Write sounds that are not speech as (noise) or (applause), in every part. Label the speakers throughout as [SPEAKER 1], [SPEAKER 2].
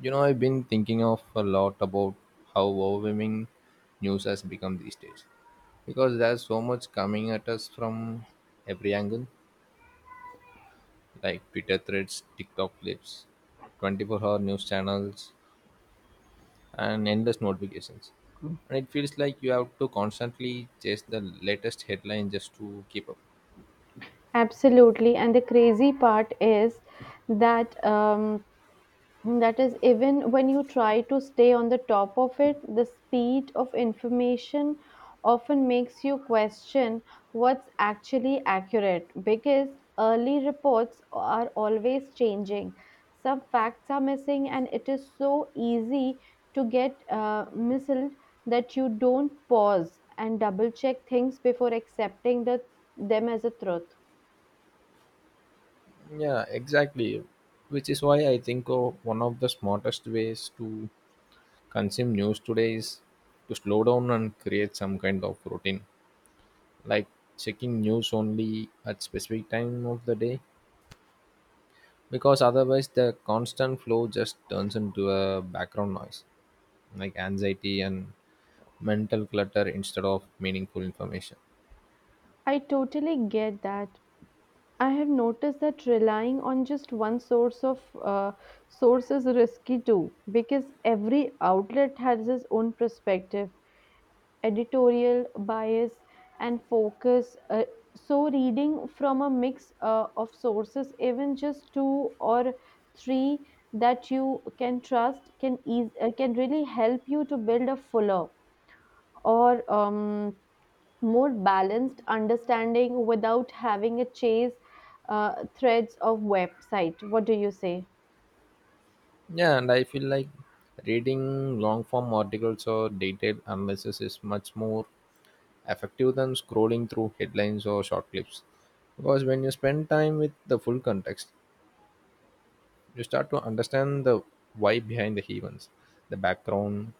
[SPEAKER 1] You know, I've been thinking of a lot about how overwhelming news has become these days because there's so much coming at us from every angle like Twitter threads, TikTok clips, 24-hour news channels, and endless notifications. And it feels like you have to constantly chase the latest headline just to keep up.
[SPEAKER 2] Absolutely, and the crazy part is that um, that is even when you try to stay on the top of it, the speed of information often makes you question what's actually accurate because early reports are always changing. Some facts are missing, and it is so easy to get misled that you don't pause and double check things before accepting them as a truth.
[SPEAKER 1] Yeah, exactly. Which is why I think one of the smartest ways to consume news today is to slow down and create some kind of routine like checking news only at specific time of the day because otherwise the constant flow just turns into a background noise like anxiety and mental clutter instead of meaningful information.
[SPEAKER 2] I totally get that. I have noticed that relying on just one source is risky too, because every outlet has its own perspective, editorial bias, and focus. So reading from a mix of sources, even just two or three that you can trust, can really help you to build a fuller or more balanced understanding without having a chase threads of website. What do you say?
[SPEAKER 1] Yeah, and I feel like reading long form articles or detailed analysis is much more effective than scrolling through headlines or short clips because when you spend time with the full context you start to understand the why behind the events, the background,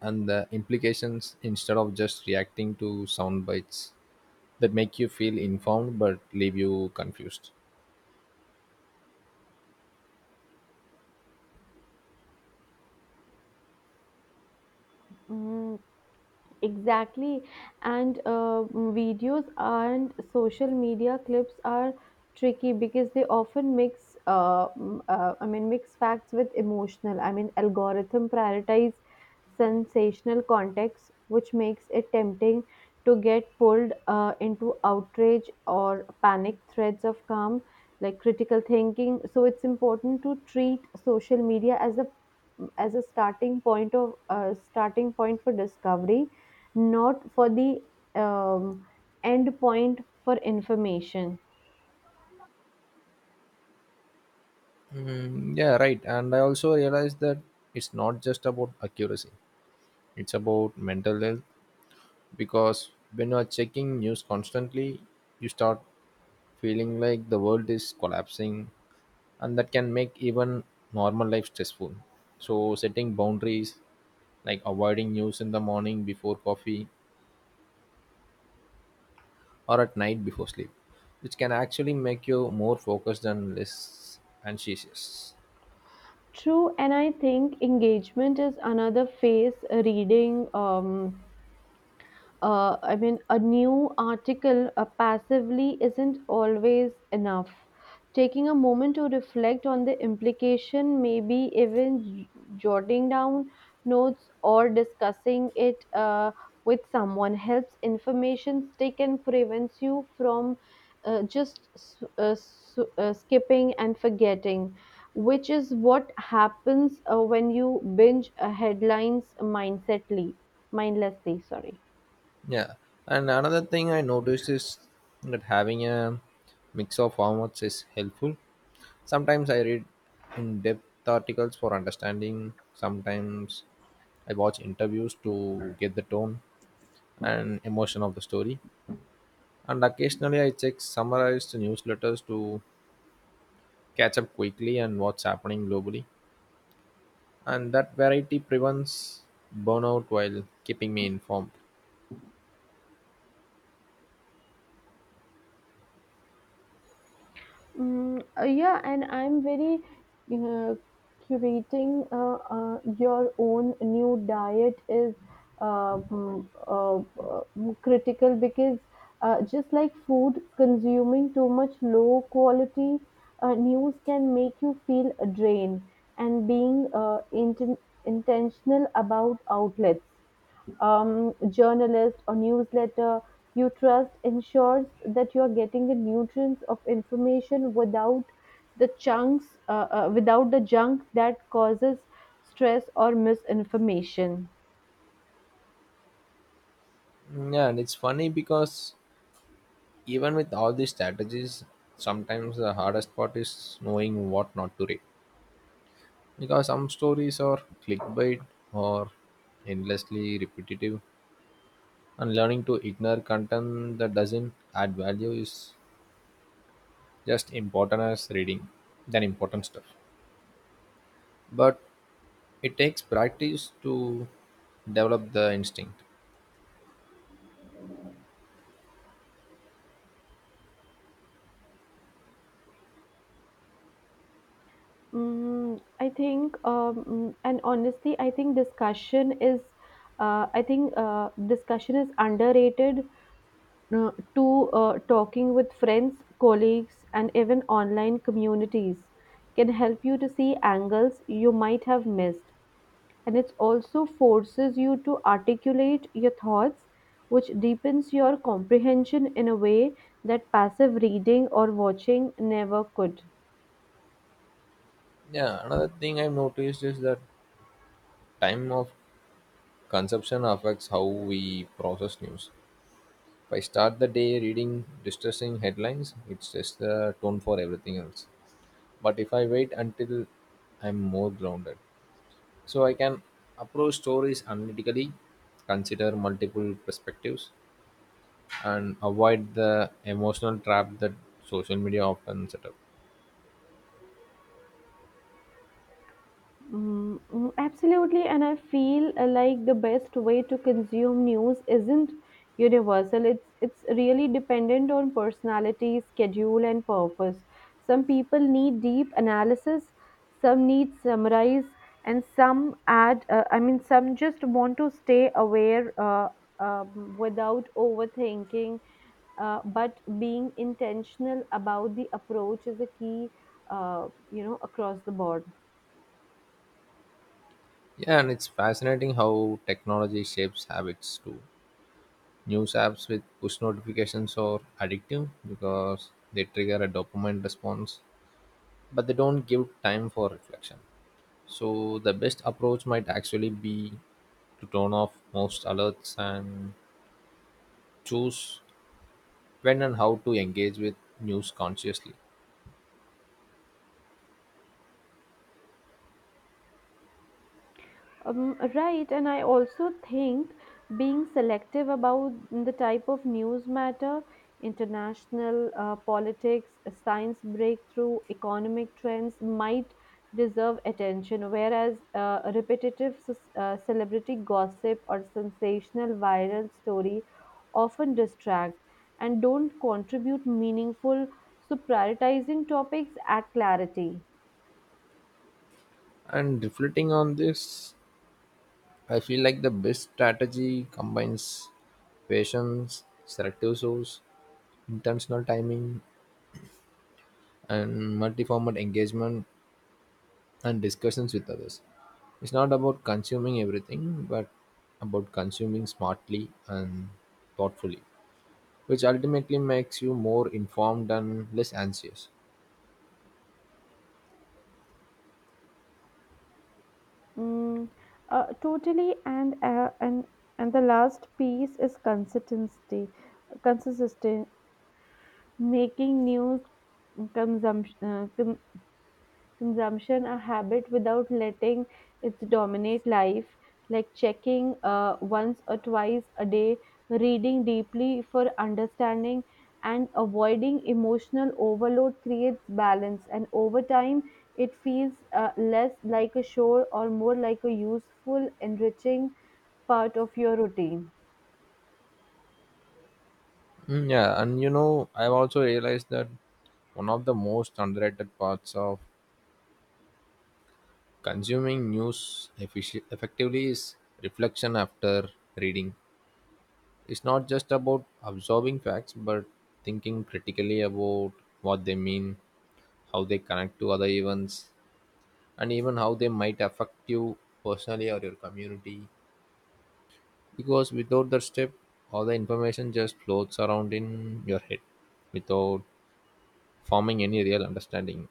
[SPEAKER 1] and the implications instead of just reacting to sound bites that make you feel informed but leave you confused.
[SPEAKER 2] Mm, exactly. And Videos and social media clips are tricky because they often mix facts with emotional. I mean, algorithm prioritize sensational context, which makes it tempting to get pulled into outrage or panic threads of calm, like critical thinking. So it's important to treat social media as a starting point for discovery, not for the um, end point for information.
[SPEAKER 1] Mm, yeah, right. And I also realized that it's not just about accuracy, it's about mental health because when you are checking news constantly, you start feeling like the world is collapsing and that can make even normal life stressful. So, setting boundaries like avoiding news in the morning before coffee or at night before sleep, which can actually make you more focused and less anxious.
[SPEAKER 2] True, and I think engagement is another phase. Reading a new article passively isn't always enough. Taking a moment to reflect on the implication, maybe even jotting down notes or discussing it with someone helps information stick and prevents you from just skipping and forgetting, which is what happens when you binge headlines mindlessly. Sorry.
[SPEAKER 1] Yeah, and another thing I noticed is that having a mix of formats is helpful. Sometimes I read in depth articles for understanding, sometimes I watch interviews to get the tone and emotion of the story. And occasionally I check summarized newsletters to catch up quickly and what's happening globally. And that variety prevents burnout while keeping me informed.
[SPEAKER 2] Yeah, and I'm very uh, curating your own new diet is critical because just like food, consuming too much low quality news can make you feel drained, and being intentional about outlets, journalist or newsletter you trust ensures that you are getting the nutrients of information without the chunks without the junk that causes stress or misinformation.
[SPEAKER 1] Mm, yeah, and it's funny because even with all these strategies, sometimes the hardest part is knowing what not to read. Because some stories are clickbait or endlessly repetitive, and learning to ignore content that doesn't add value is just important as reading than important stuff. But it takes practice to develop the instinct.
[SPEAKER 2] Mm, I think, mm, and honestly, I think discussion is, I think discussion is underrated, to talking with friends, colleagues, and even online communities can help you to see angles you might have missed. And it also forces you to articulate your thoughts, which deepens your comprehension in a way that passive reading or watching never could.
[SPEAKER 1] Yeah, another thing I've noticed is that time of consumption affects how we process news. If I start the day reading distressing headlines, it sets the tone for everything else. But if I wait until I'm more grounded, so I can approach stories analytically, consider multiple perspectives, and avoid the emotional trap that social media often set up.
[SPEAKER 2] Absolutely, and I feel like the best way to consume news isn't universal. It's really dependent on personality, schedule, and purpose. Some people need deep analysis, some need summarize, and some add. Some just want to stay aware without overthinking. But being intentional about the approach is a key, you know, across the board.
[SPEAKER 1] Yeah, and it's fascinating how technology shapes habits too. News apps with push notifications are addictive because they trigger a dopamine response, but they don't give time for reflection. So, the best approach might actually be to turn off most alerts and choose when and how to engage with news consciously.
[SPEAKER 2] Right, and I also think being selective about the type of news matter, international politics, science breakthrough, economic trends might deserve attention, whereas celebrity gossip or sensational viral story often distract and don't contribute meaningful. So prioritizing topics add clarity.
[SPEAKER 1] And reflecting on this, I feel like the best strategy combines patience, selective source, intentional timing, and multi format engagement and discussions with others. It's not about consuming everything, but about consuming smartly and thoughtfully, which ultimately makes you more informed and less anxious.
[SPEAKER 2] Mm, Totally, and the last piece is consistency. Consistency, making news consumption consumption a habit without letting it dominate life, like checking once or twice a day, reading deeply for understanding, and avoiding emotional overload creates balance. And over time, it feels less like a chore or more like a useful, enriching part of your routine.
[SPEAKER 1] Mm, yeah, and you know, I've also realized that one of the most underrated parts of consuming news effectively is reflection after reading. It's not just about absorbing facts, but thinking critically about what they mean, how they connect to other events, and even how they might affect you personally or your community. Because without that step, all the information just floats around in your head without forming any real understanding.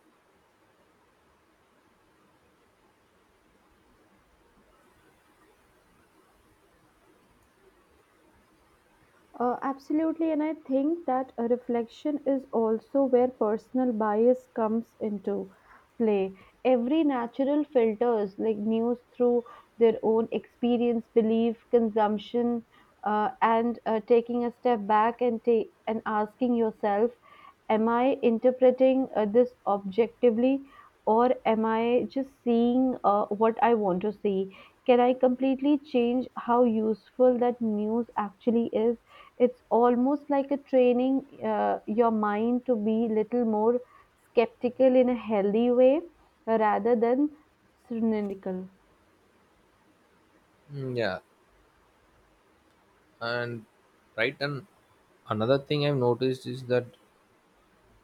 [SPEAKER 2] Absolutely, and I think that a reflection is also where personal bias comes into play. Every natural filters like news through their own experience, belief, consumption, and taking a step back and asking yourself, am I interpreting this objectively, or am I just seeing what I want to see? Can I completely change how useful that news actually is? It's almost like a training your mind to be little more skeptical in a healthy way, rather than cynical.
[SPEAKER 1] Mm, yeah, and right and another thing I've noticed is that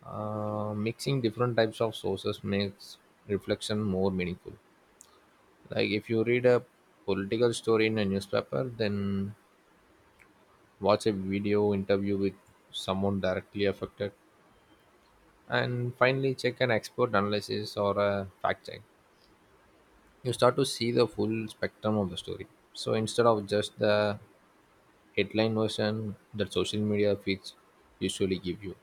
[SPEAKER 1] mixing different types of sources makes reflection more meaningful, like if you read a political story in a newspaper, then watch a video interview with someone directly affected, and finally check an expert analysis or a fact check, you start to see the full spectrum of the story, so instead of just the headline version that social media feeds usually give you,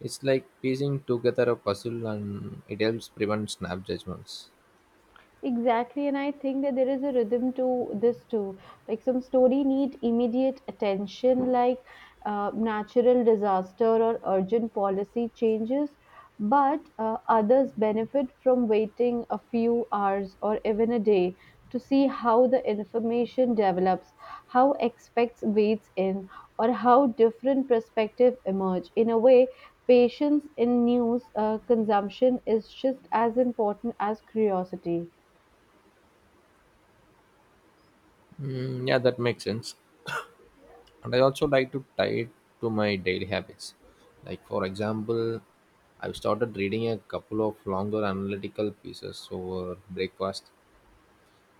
[SPEAKER 1] it's like piecing together a puzzle and it helps prevent snap judgments.
[SPEAKER 2] Exactly, and I think that there is a rhythm to this too. Like some story need immediate attention, like natural disaster or urgent policy changes, but others benefit from waiting a few hours or even a day to see how the information develops, how experts weighs in, or how different perspectives emerge. In a way, patience in news consumption is just as important as curiosity.
[SPEAKER 1] Mm, yeah, that makes sense. And I also like to tie it to my daily habits. Like, for example, I've started reading a couple of longer analytical pieces over breakfast,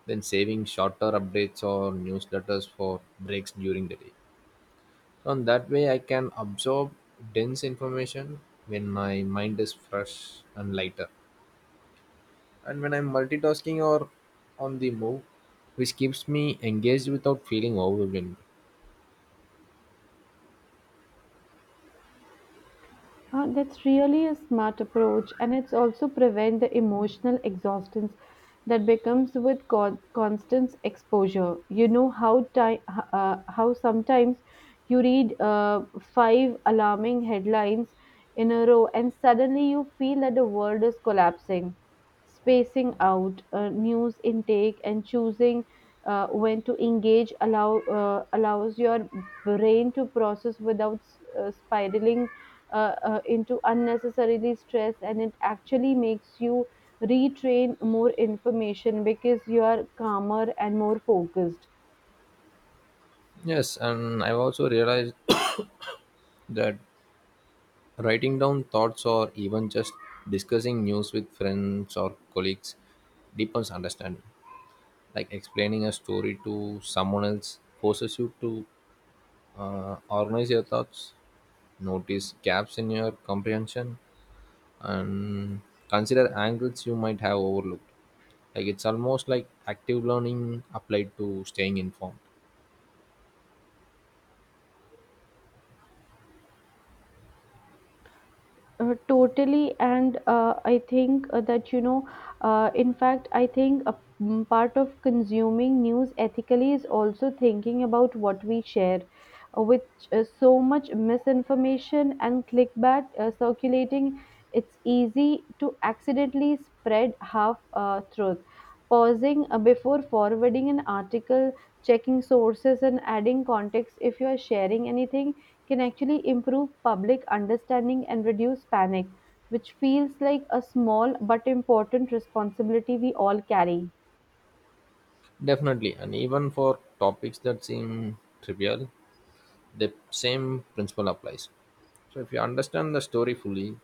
[SPEAKER 1] then saving shorter updates or newsletters for breaks during the day. So, in that way, I can absorb dense information when my mind is fresh and lighter. And when I'm multitasking or on the move, which keeps me engaged without feeling overwhelmed.
[SPEAKER 2] That's really a smart approach, and it's also prevent the emotional exhaustion that becomes with constant exposure. You know how sometimes you read five alarming headlines in a row, and suddenly you feel that the world is collapsing, spacing out news intake and choosing when to engage allow allows your brain to process without spiraling into unnecessarily stress, and it actually makes you retrain more information because you are calmer and more focused.
[SPEAKER 1] Yes, and I've also realized (coughs) that writing down thoughts or even just discussing news with friends or colleagues deepens understanding. Like explaining a story to someone else forces you to organize your thoughts, notice gaps in your comprehension, and consider angles you might have overlooked. Like it's almost like active learning applied to staying informed.
[SPEAKER 2] Totally, and I think that you know, in fact, I think a part of consuming news ethically is also thinking about what we share. With so much misinformation and clickbait circulating, it's easy to accidentally spread half truth, pausing before forwarding an article, checking sources, and adding context if you are sharing anything can actually improve public understanding and reduce panic, which feels like a small but important responsibility we all carry.
[SPEAKER 1] Definitely, and even for topics that seem trivial, the same principle applies. So if you understand the story fully,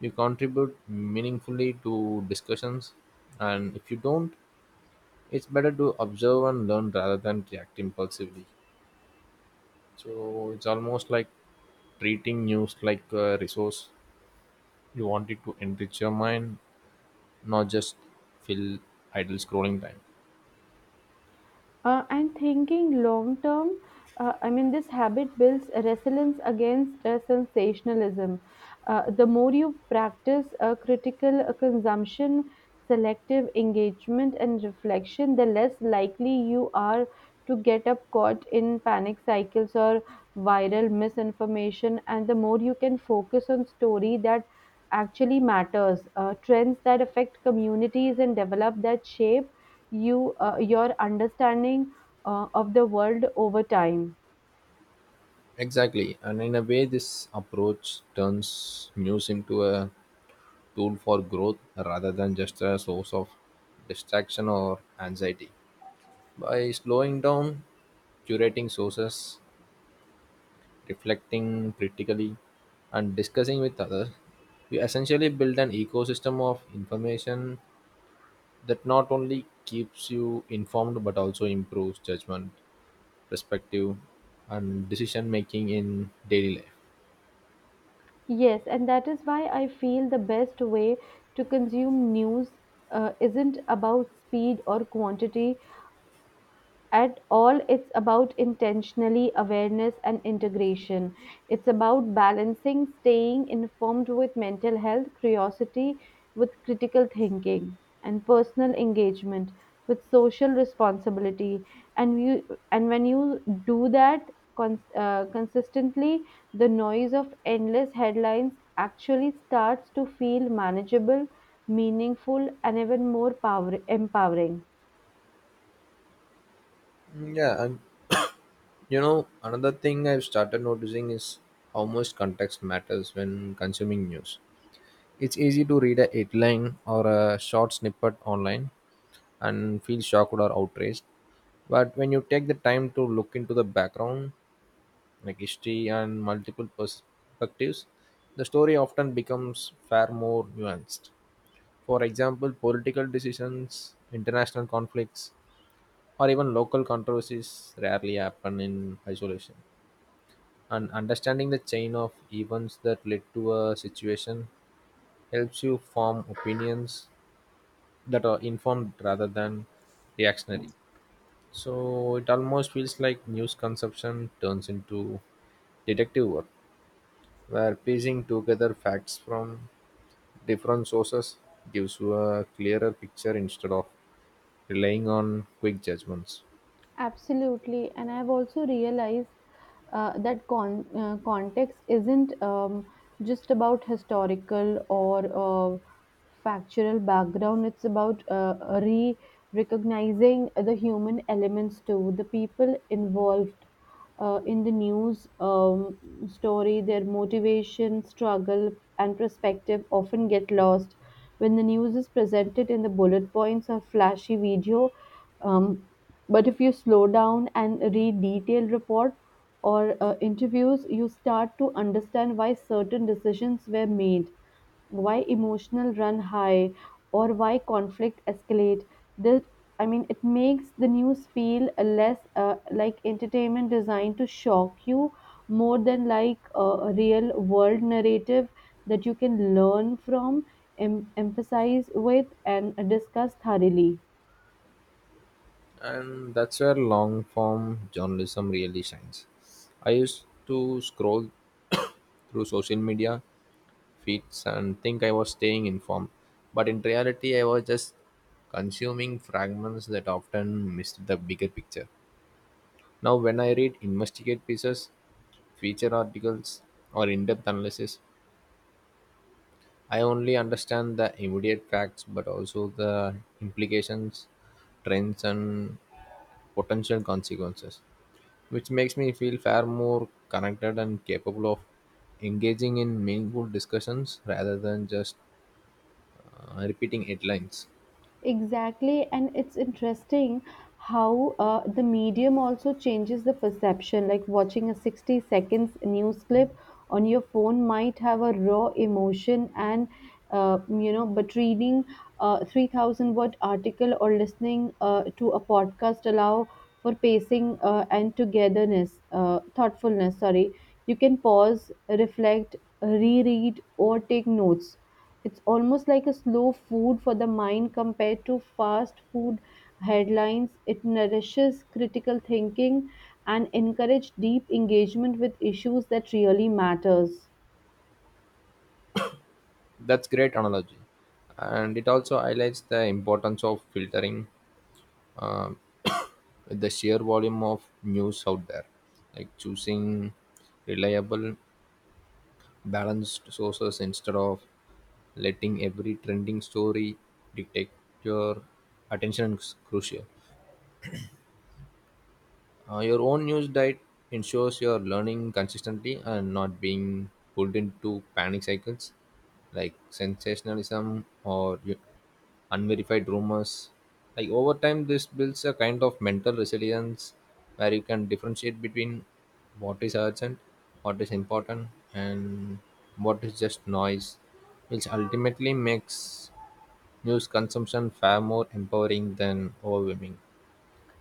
[SPEAKER 1] you contribute meaningfully to discussions, and if you don't, it's better to observe and learn rather than react impulsively. So it's almost like treating news like a resource. You want it to enrich your mind, not just fill idle scrolling time.
[SPEAKER 2] And thinking long term, I mean, this habit builds resilience against sensationalism. The more you practice critical consumption, selective engagement, and reflection, the less likely you are to get up caught in panic cycles or viral misinformation, and the more you can focus on story that actually matters, trends that affect communities, and develop that shape your understanding of the world over time.
[SPEAKER 1] Exactly, and in a way, this approach turns news into a tool for growth rather than just a source of distraction or anxiety. By slowing down, curating sources, reflecting critically, and discussing with others, we essentially build an ecosystem of information that not only keeps you informed but also improves judgment, perspective, and decision making in daily life.
[SPEAKER 2] Yes, and that is why I feel the best way to consume news isn't about speed or quantity at all. It's about intentionally awareness and integration. It's about balancing staying informed with mental health, curiosity with critical thinking, and personal engagement with social responsibility. And you and when you do that consistently, the noise of endless headlines actually starts to feel manageable, meaningful, and even more power empowering.
[SPEAKER 1] Mm, yeah, and (coughs) you know, another thing I've started noticing is how much context matters when consuming news. It's easy to read a headline or a short snippet online and feel shocked or outraged. But when you take the time to look into the background, like history and multiple perspectives, the story often becomes far more nuanced. For example, political decisions, international conflicts, or even local controversies rarely happen in isolation. And understanding the chain of events that led to a situation helps you form opinions that are informed rather than reactionary. So it almost feels like news consumption turns into detective work, where piecing together facts from different sources gives you a clearer picture instead of relying on quick judgments.
[SPEAKER 2] Absolutely, and I've also realized that context isn't just about historical or factual background. It's about re recognizing the human elements too. The people involved, in the news story, their motivation, struggle, and perspective often get lost. When the news is presented in the bullet points or flashy video, um, but if you slow down and read detailed report or interviews, you start to understand why certain decisions were made, why emotional run high, or why conflict escalate. This, I mean, it makes the news feel less like entertainment designed to shock you, more than like a real world narrative that you can learn from, emphasize with, and discuss thoroughly.
[SPEAKER 1] And that's where long form journalism really shines. I used to scroll (coughs) through social media feeds and think I was staying informed, but in reality, I was just consuming fragments that often missed the bigger picture. Now, when I read investigate pieces, feature articles, or in depth analysis, I only understand the immediate facts but also the implications, trends, and potential consequences, which makes me feel far more connected and capable of engaging in meaningful discussions rather than just repeating headlines.
[SPEAKER 2] Exactly, and it's interesting how the medium also changes the perception. Like watching a 60 seconds news clip on your phone might have a raw emotion, and you know, but reading a 3,000 word article or listening to a podcast allow for pacing and thoughtfulness. Sorry, you can pause, reflect, reread, or take notes. It's almost like a slow food for the mind compared to fast food headlines. It nourishes critical thinking and encourages deep engagement with issues that really matters.
[SPEAKER 1] That's great analogy, and it also highlights the importance of filtering. um, (coughs) with the sheer volume of news out there, like choosing reliable, balanced sources instead of letting every trending story dictate your attention is crucial. Your own news diet ensures you're learning consistently and not being pulled into panic cycles like sensationalism or unverified rumors. Like over time, this builds a kind of mental resilience where you can differentiate between what is urgent, what is important, and what is just noise, which ultimately makes news consumption far more empowering than overwhelming.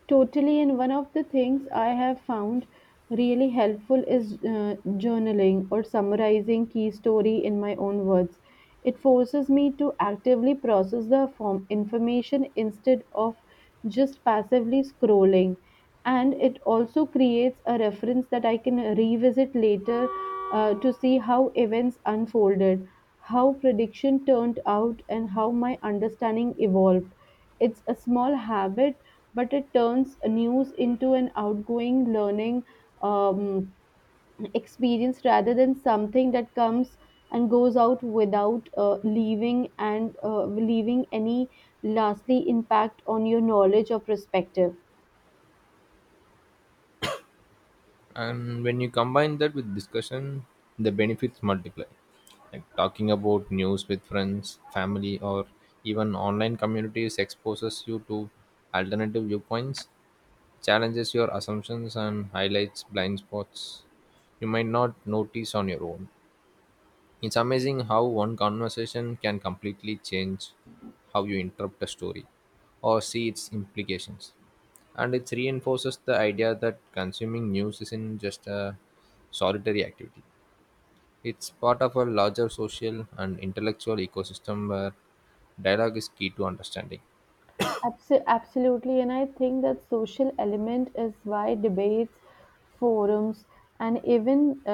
[SPEAKER 2] Totally, and one of the things I have found really helpful is journaling or summarizing key story in my own words. It forces me to actively process the form information instead of just passively scrolling, and it also creates a reference that I can revisit later to see how events unfolded, how prediction turned out, and how my understanding evolved. It's a small habit, but it turns news into an outgoing learning um, experience rather than something that comes and goes out without leaving any lastly impact on your knowledge or perspective.
[SPEAKER 1] And when you combine that with discussion, the benefits multiply, like talking about news with friends, family, or even online communities exposes you to alternative viewpoints, challenges your assumptions, and highlights blind spots you might not notice on your own. It's amazing how one conversation can completely change how you interpret a story or see its implications, and it reinforces the idea that consuming news isn't just a solitary activity. It's part of a larger social and intellectual ecosystem where dialogue is key to understanding.
[SPEAKER 2] Absolutely, and I think that social element is why debates, forums, and even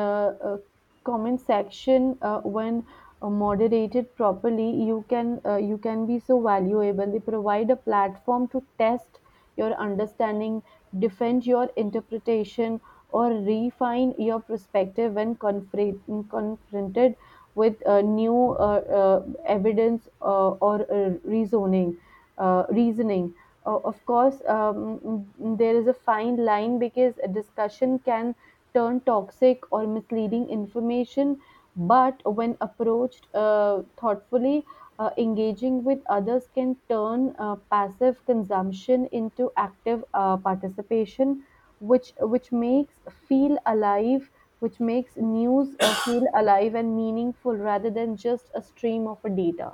[SPEAKER 2] uh, comment section, when moderated properly, you can be so valuable. They provide a platform to test your understanding, defend your interpretation, or refine your perspective when confronted with new evidence or reasoning, of course. There is a fine line because a discussion can turn toxic or misleading information, but when approached thoughtfully, engaging with others can turn passive consumption into active participation, which which makes feel alive, which makes news feel alive and meaningful rather than just a stream of data.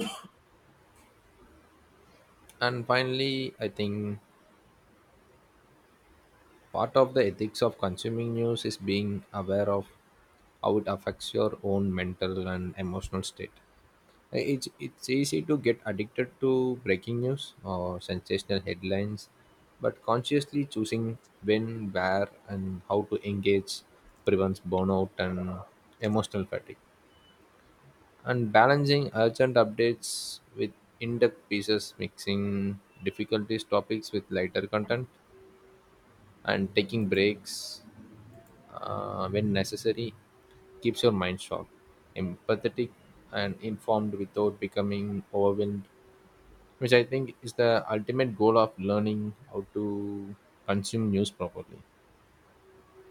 [SPEAKER 1] And finally, I think part of the ethics of consuming news is being aware of how it affects your own mental and emotional state. It's easy to get addicted to breaking news or sensational headlines, but consciously choosing when, where, and how to engage prevents burnout and emotional fatigue. And balancing urgent updates with in depth pieces, mixing difficulties topics with lighter content, and taking breaks when necessary keeps your mind sharp, empathetic, and informed without becoming overwhelmed, which I think is the ultimate goal of learning how to consume news properly.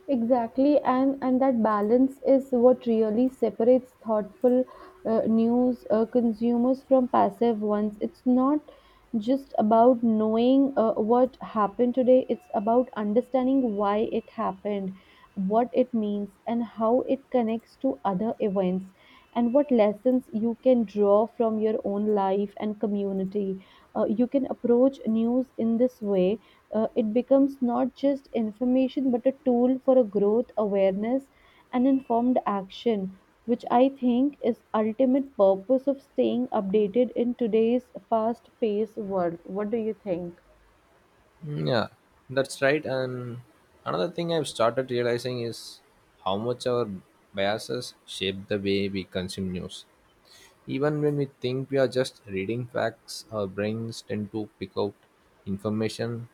[SPEAKER 2] Exactly, and that balance is what really separates thoughtful news consumers from passive ones. It's not just about knowing what happened today. It's about understanding why it happened, what it means, and how it connects to other events, and what lessons you can draw from your own life and community. You can approach news in this way, it becomes not just information but a tool for a growth awareness and informed action, which I think is ultimate purpose of staying updated in today's fast paced world. What do you think?
[SPEAKER 1] Mm, yeah, that's right. And another thing I've started realizing is how much our biases shape the way we consume news. Even when we think we are just reading facts, our brains tend to pick out information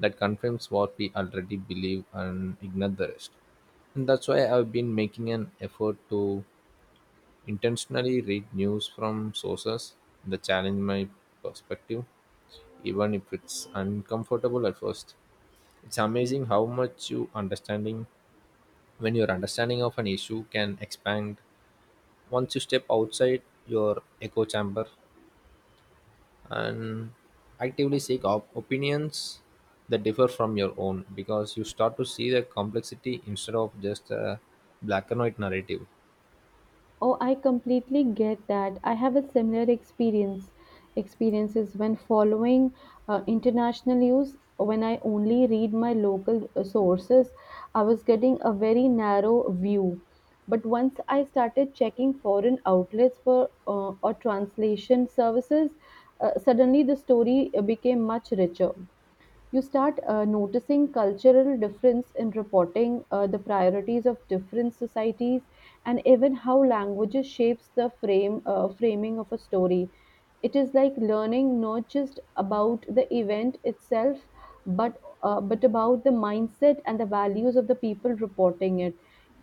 [SPEAKER 1] that confirms what we already believe and ignore the rest. And that's why I've been making an effort to intentionally read news from sources that challenge my perspective, even if it's uncomfortable at first. It's amazing how much your understanding of an issue can expand once you step outside your echo chamber and actively seek opinions that differ from your own, because you start to see the complexity instead of just a black and white narrative.
[SPEAKER 2] Oh, I completely get that. I have a similar experiences when following international news. When I only read my local sources, I was getting a very narrow view. But once I started checking foreign outlets for or translation services, suddenly the story became much richer. You start noticing cultural difference in reporting the priorities of different societies, and even how languages shapes the frame framing of a story. It is like learning not just about the event itself, but about the mindset and the values of the people reporting it.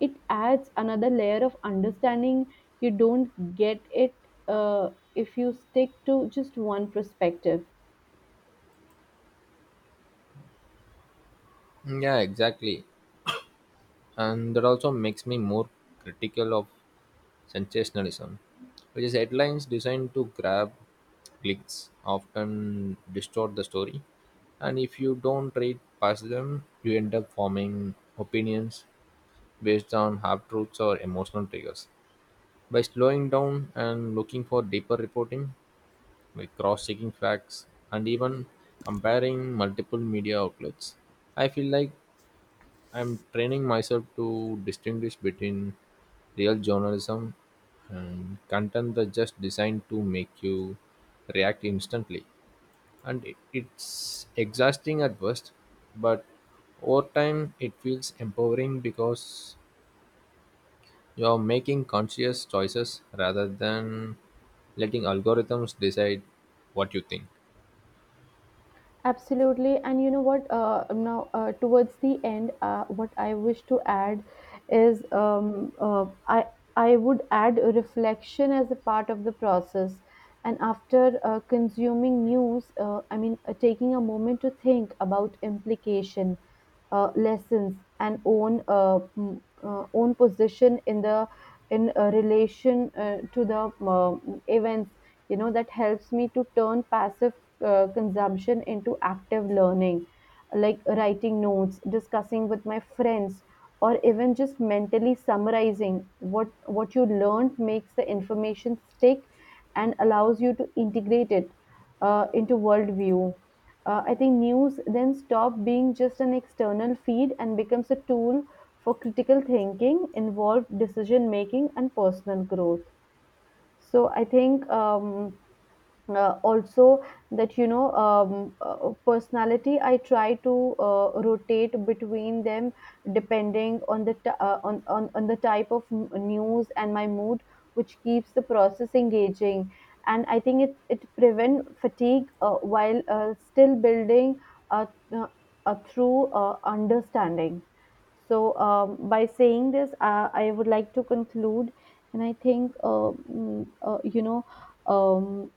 [SPEAKER 2] It adds another layer of understanding you don't get it, uh, if you stick to just one perspective.
[SPEAKER 1] Yeah, exactly. And that also makes me more critical of sensationalism, which is headlines designed to grab clicks, often distort the story. And if you don't read past them, you end up forming opinions based on half truths or emotional triggers. By slowing down and looking for deeper reporting, like cross checking facts, and even comparing multiple media outlets, I feel like I'm training myself to distinguish between real journalism and content that's just designed to make you react instantly. And it's exhausting at first, but over time it feels empowering because you're making conscious choices rather than letting algorithms decide what you think.
[SPEAKER 2] Absolutely. And you know what? Now, towards the end, what I wish to add is I would add a reflection as a part of the process. And after consuming news, I mean, taking a moment to think about implication, lessons, and own position in relation to the events. You know that helps me to turn passive consumption into active learning, like writing notes, discussing with my friends, or even just mentally summarizing what you learned, makes the information stick and allows you to integrate it into worldview. Uh, I think news then stop being just an external feed and becomes a tool for critical thinking, involved decision making, and personal growth. So I think, also, that you know, personality, I try to rotate between them depending on on the type of news and my mood, which keeps the process engaging, and I think it it prevent fatigue, while still building a, uh, a true understanding. So, by saying this, I would like to conclude, and I think, you know, um,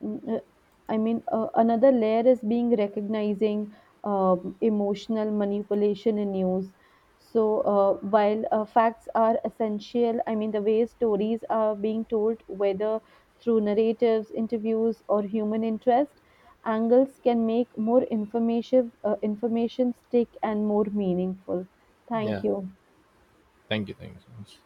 [SPEAKER 2] another layer is being recognizing emotional manipulation in news. So while facts are essential, I mean, the way stories are being told, whether through narratives, interviews, or human interest, angles can make more informative information stick and more meaningful. Thank
[SPEAKER 1] Yeah,
[SPEAKER 2] you.
[SPEAKER 1] thank you. Thank you so much.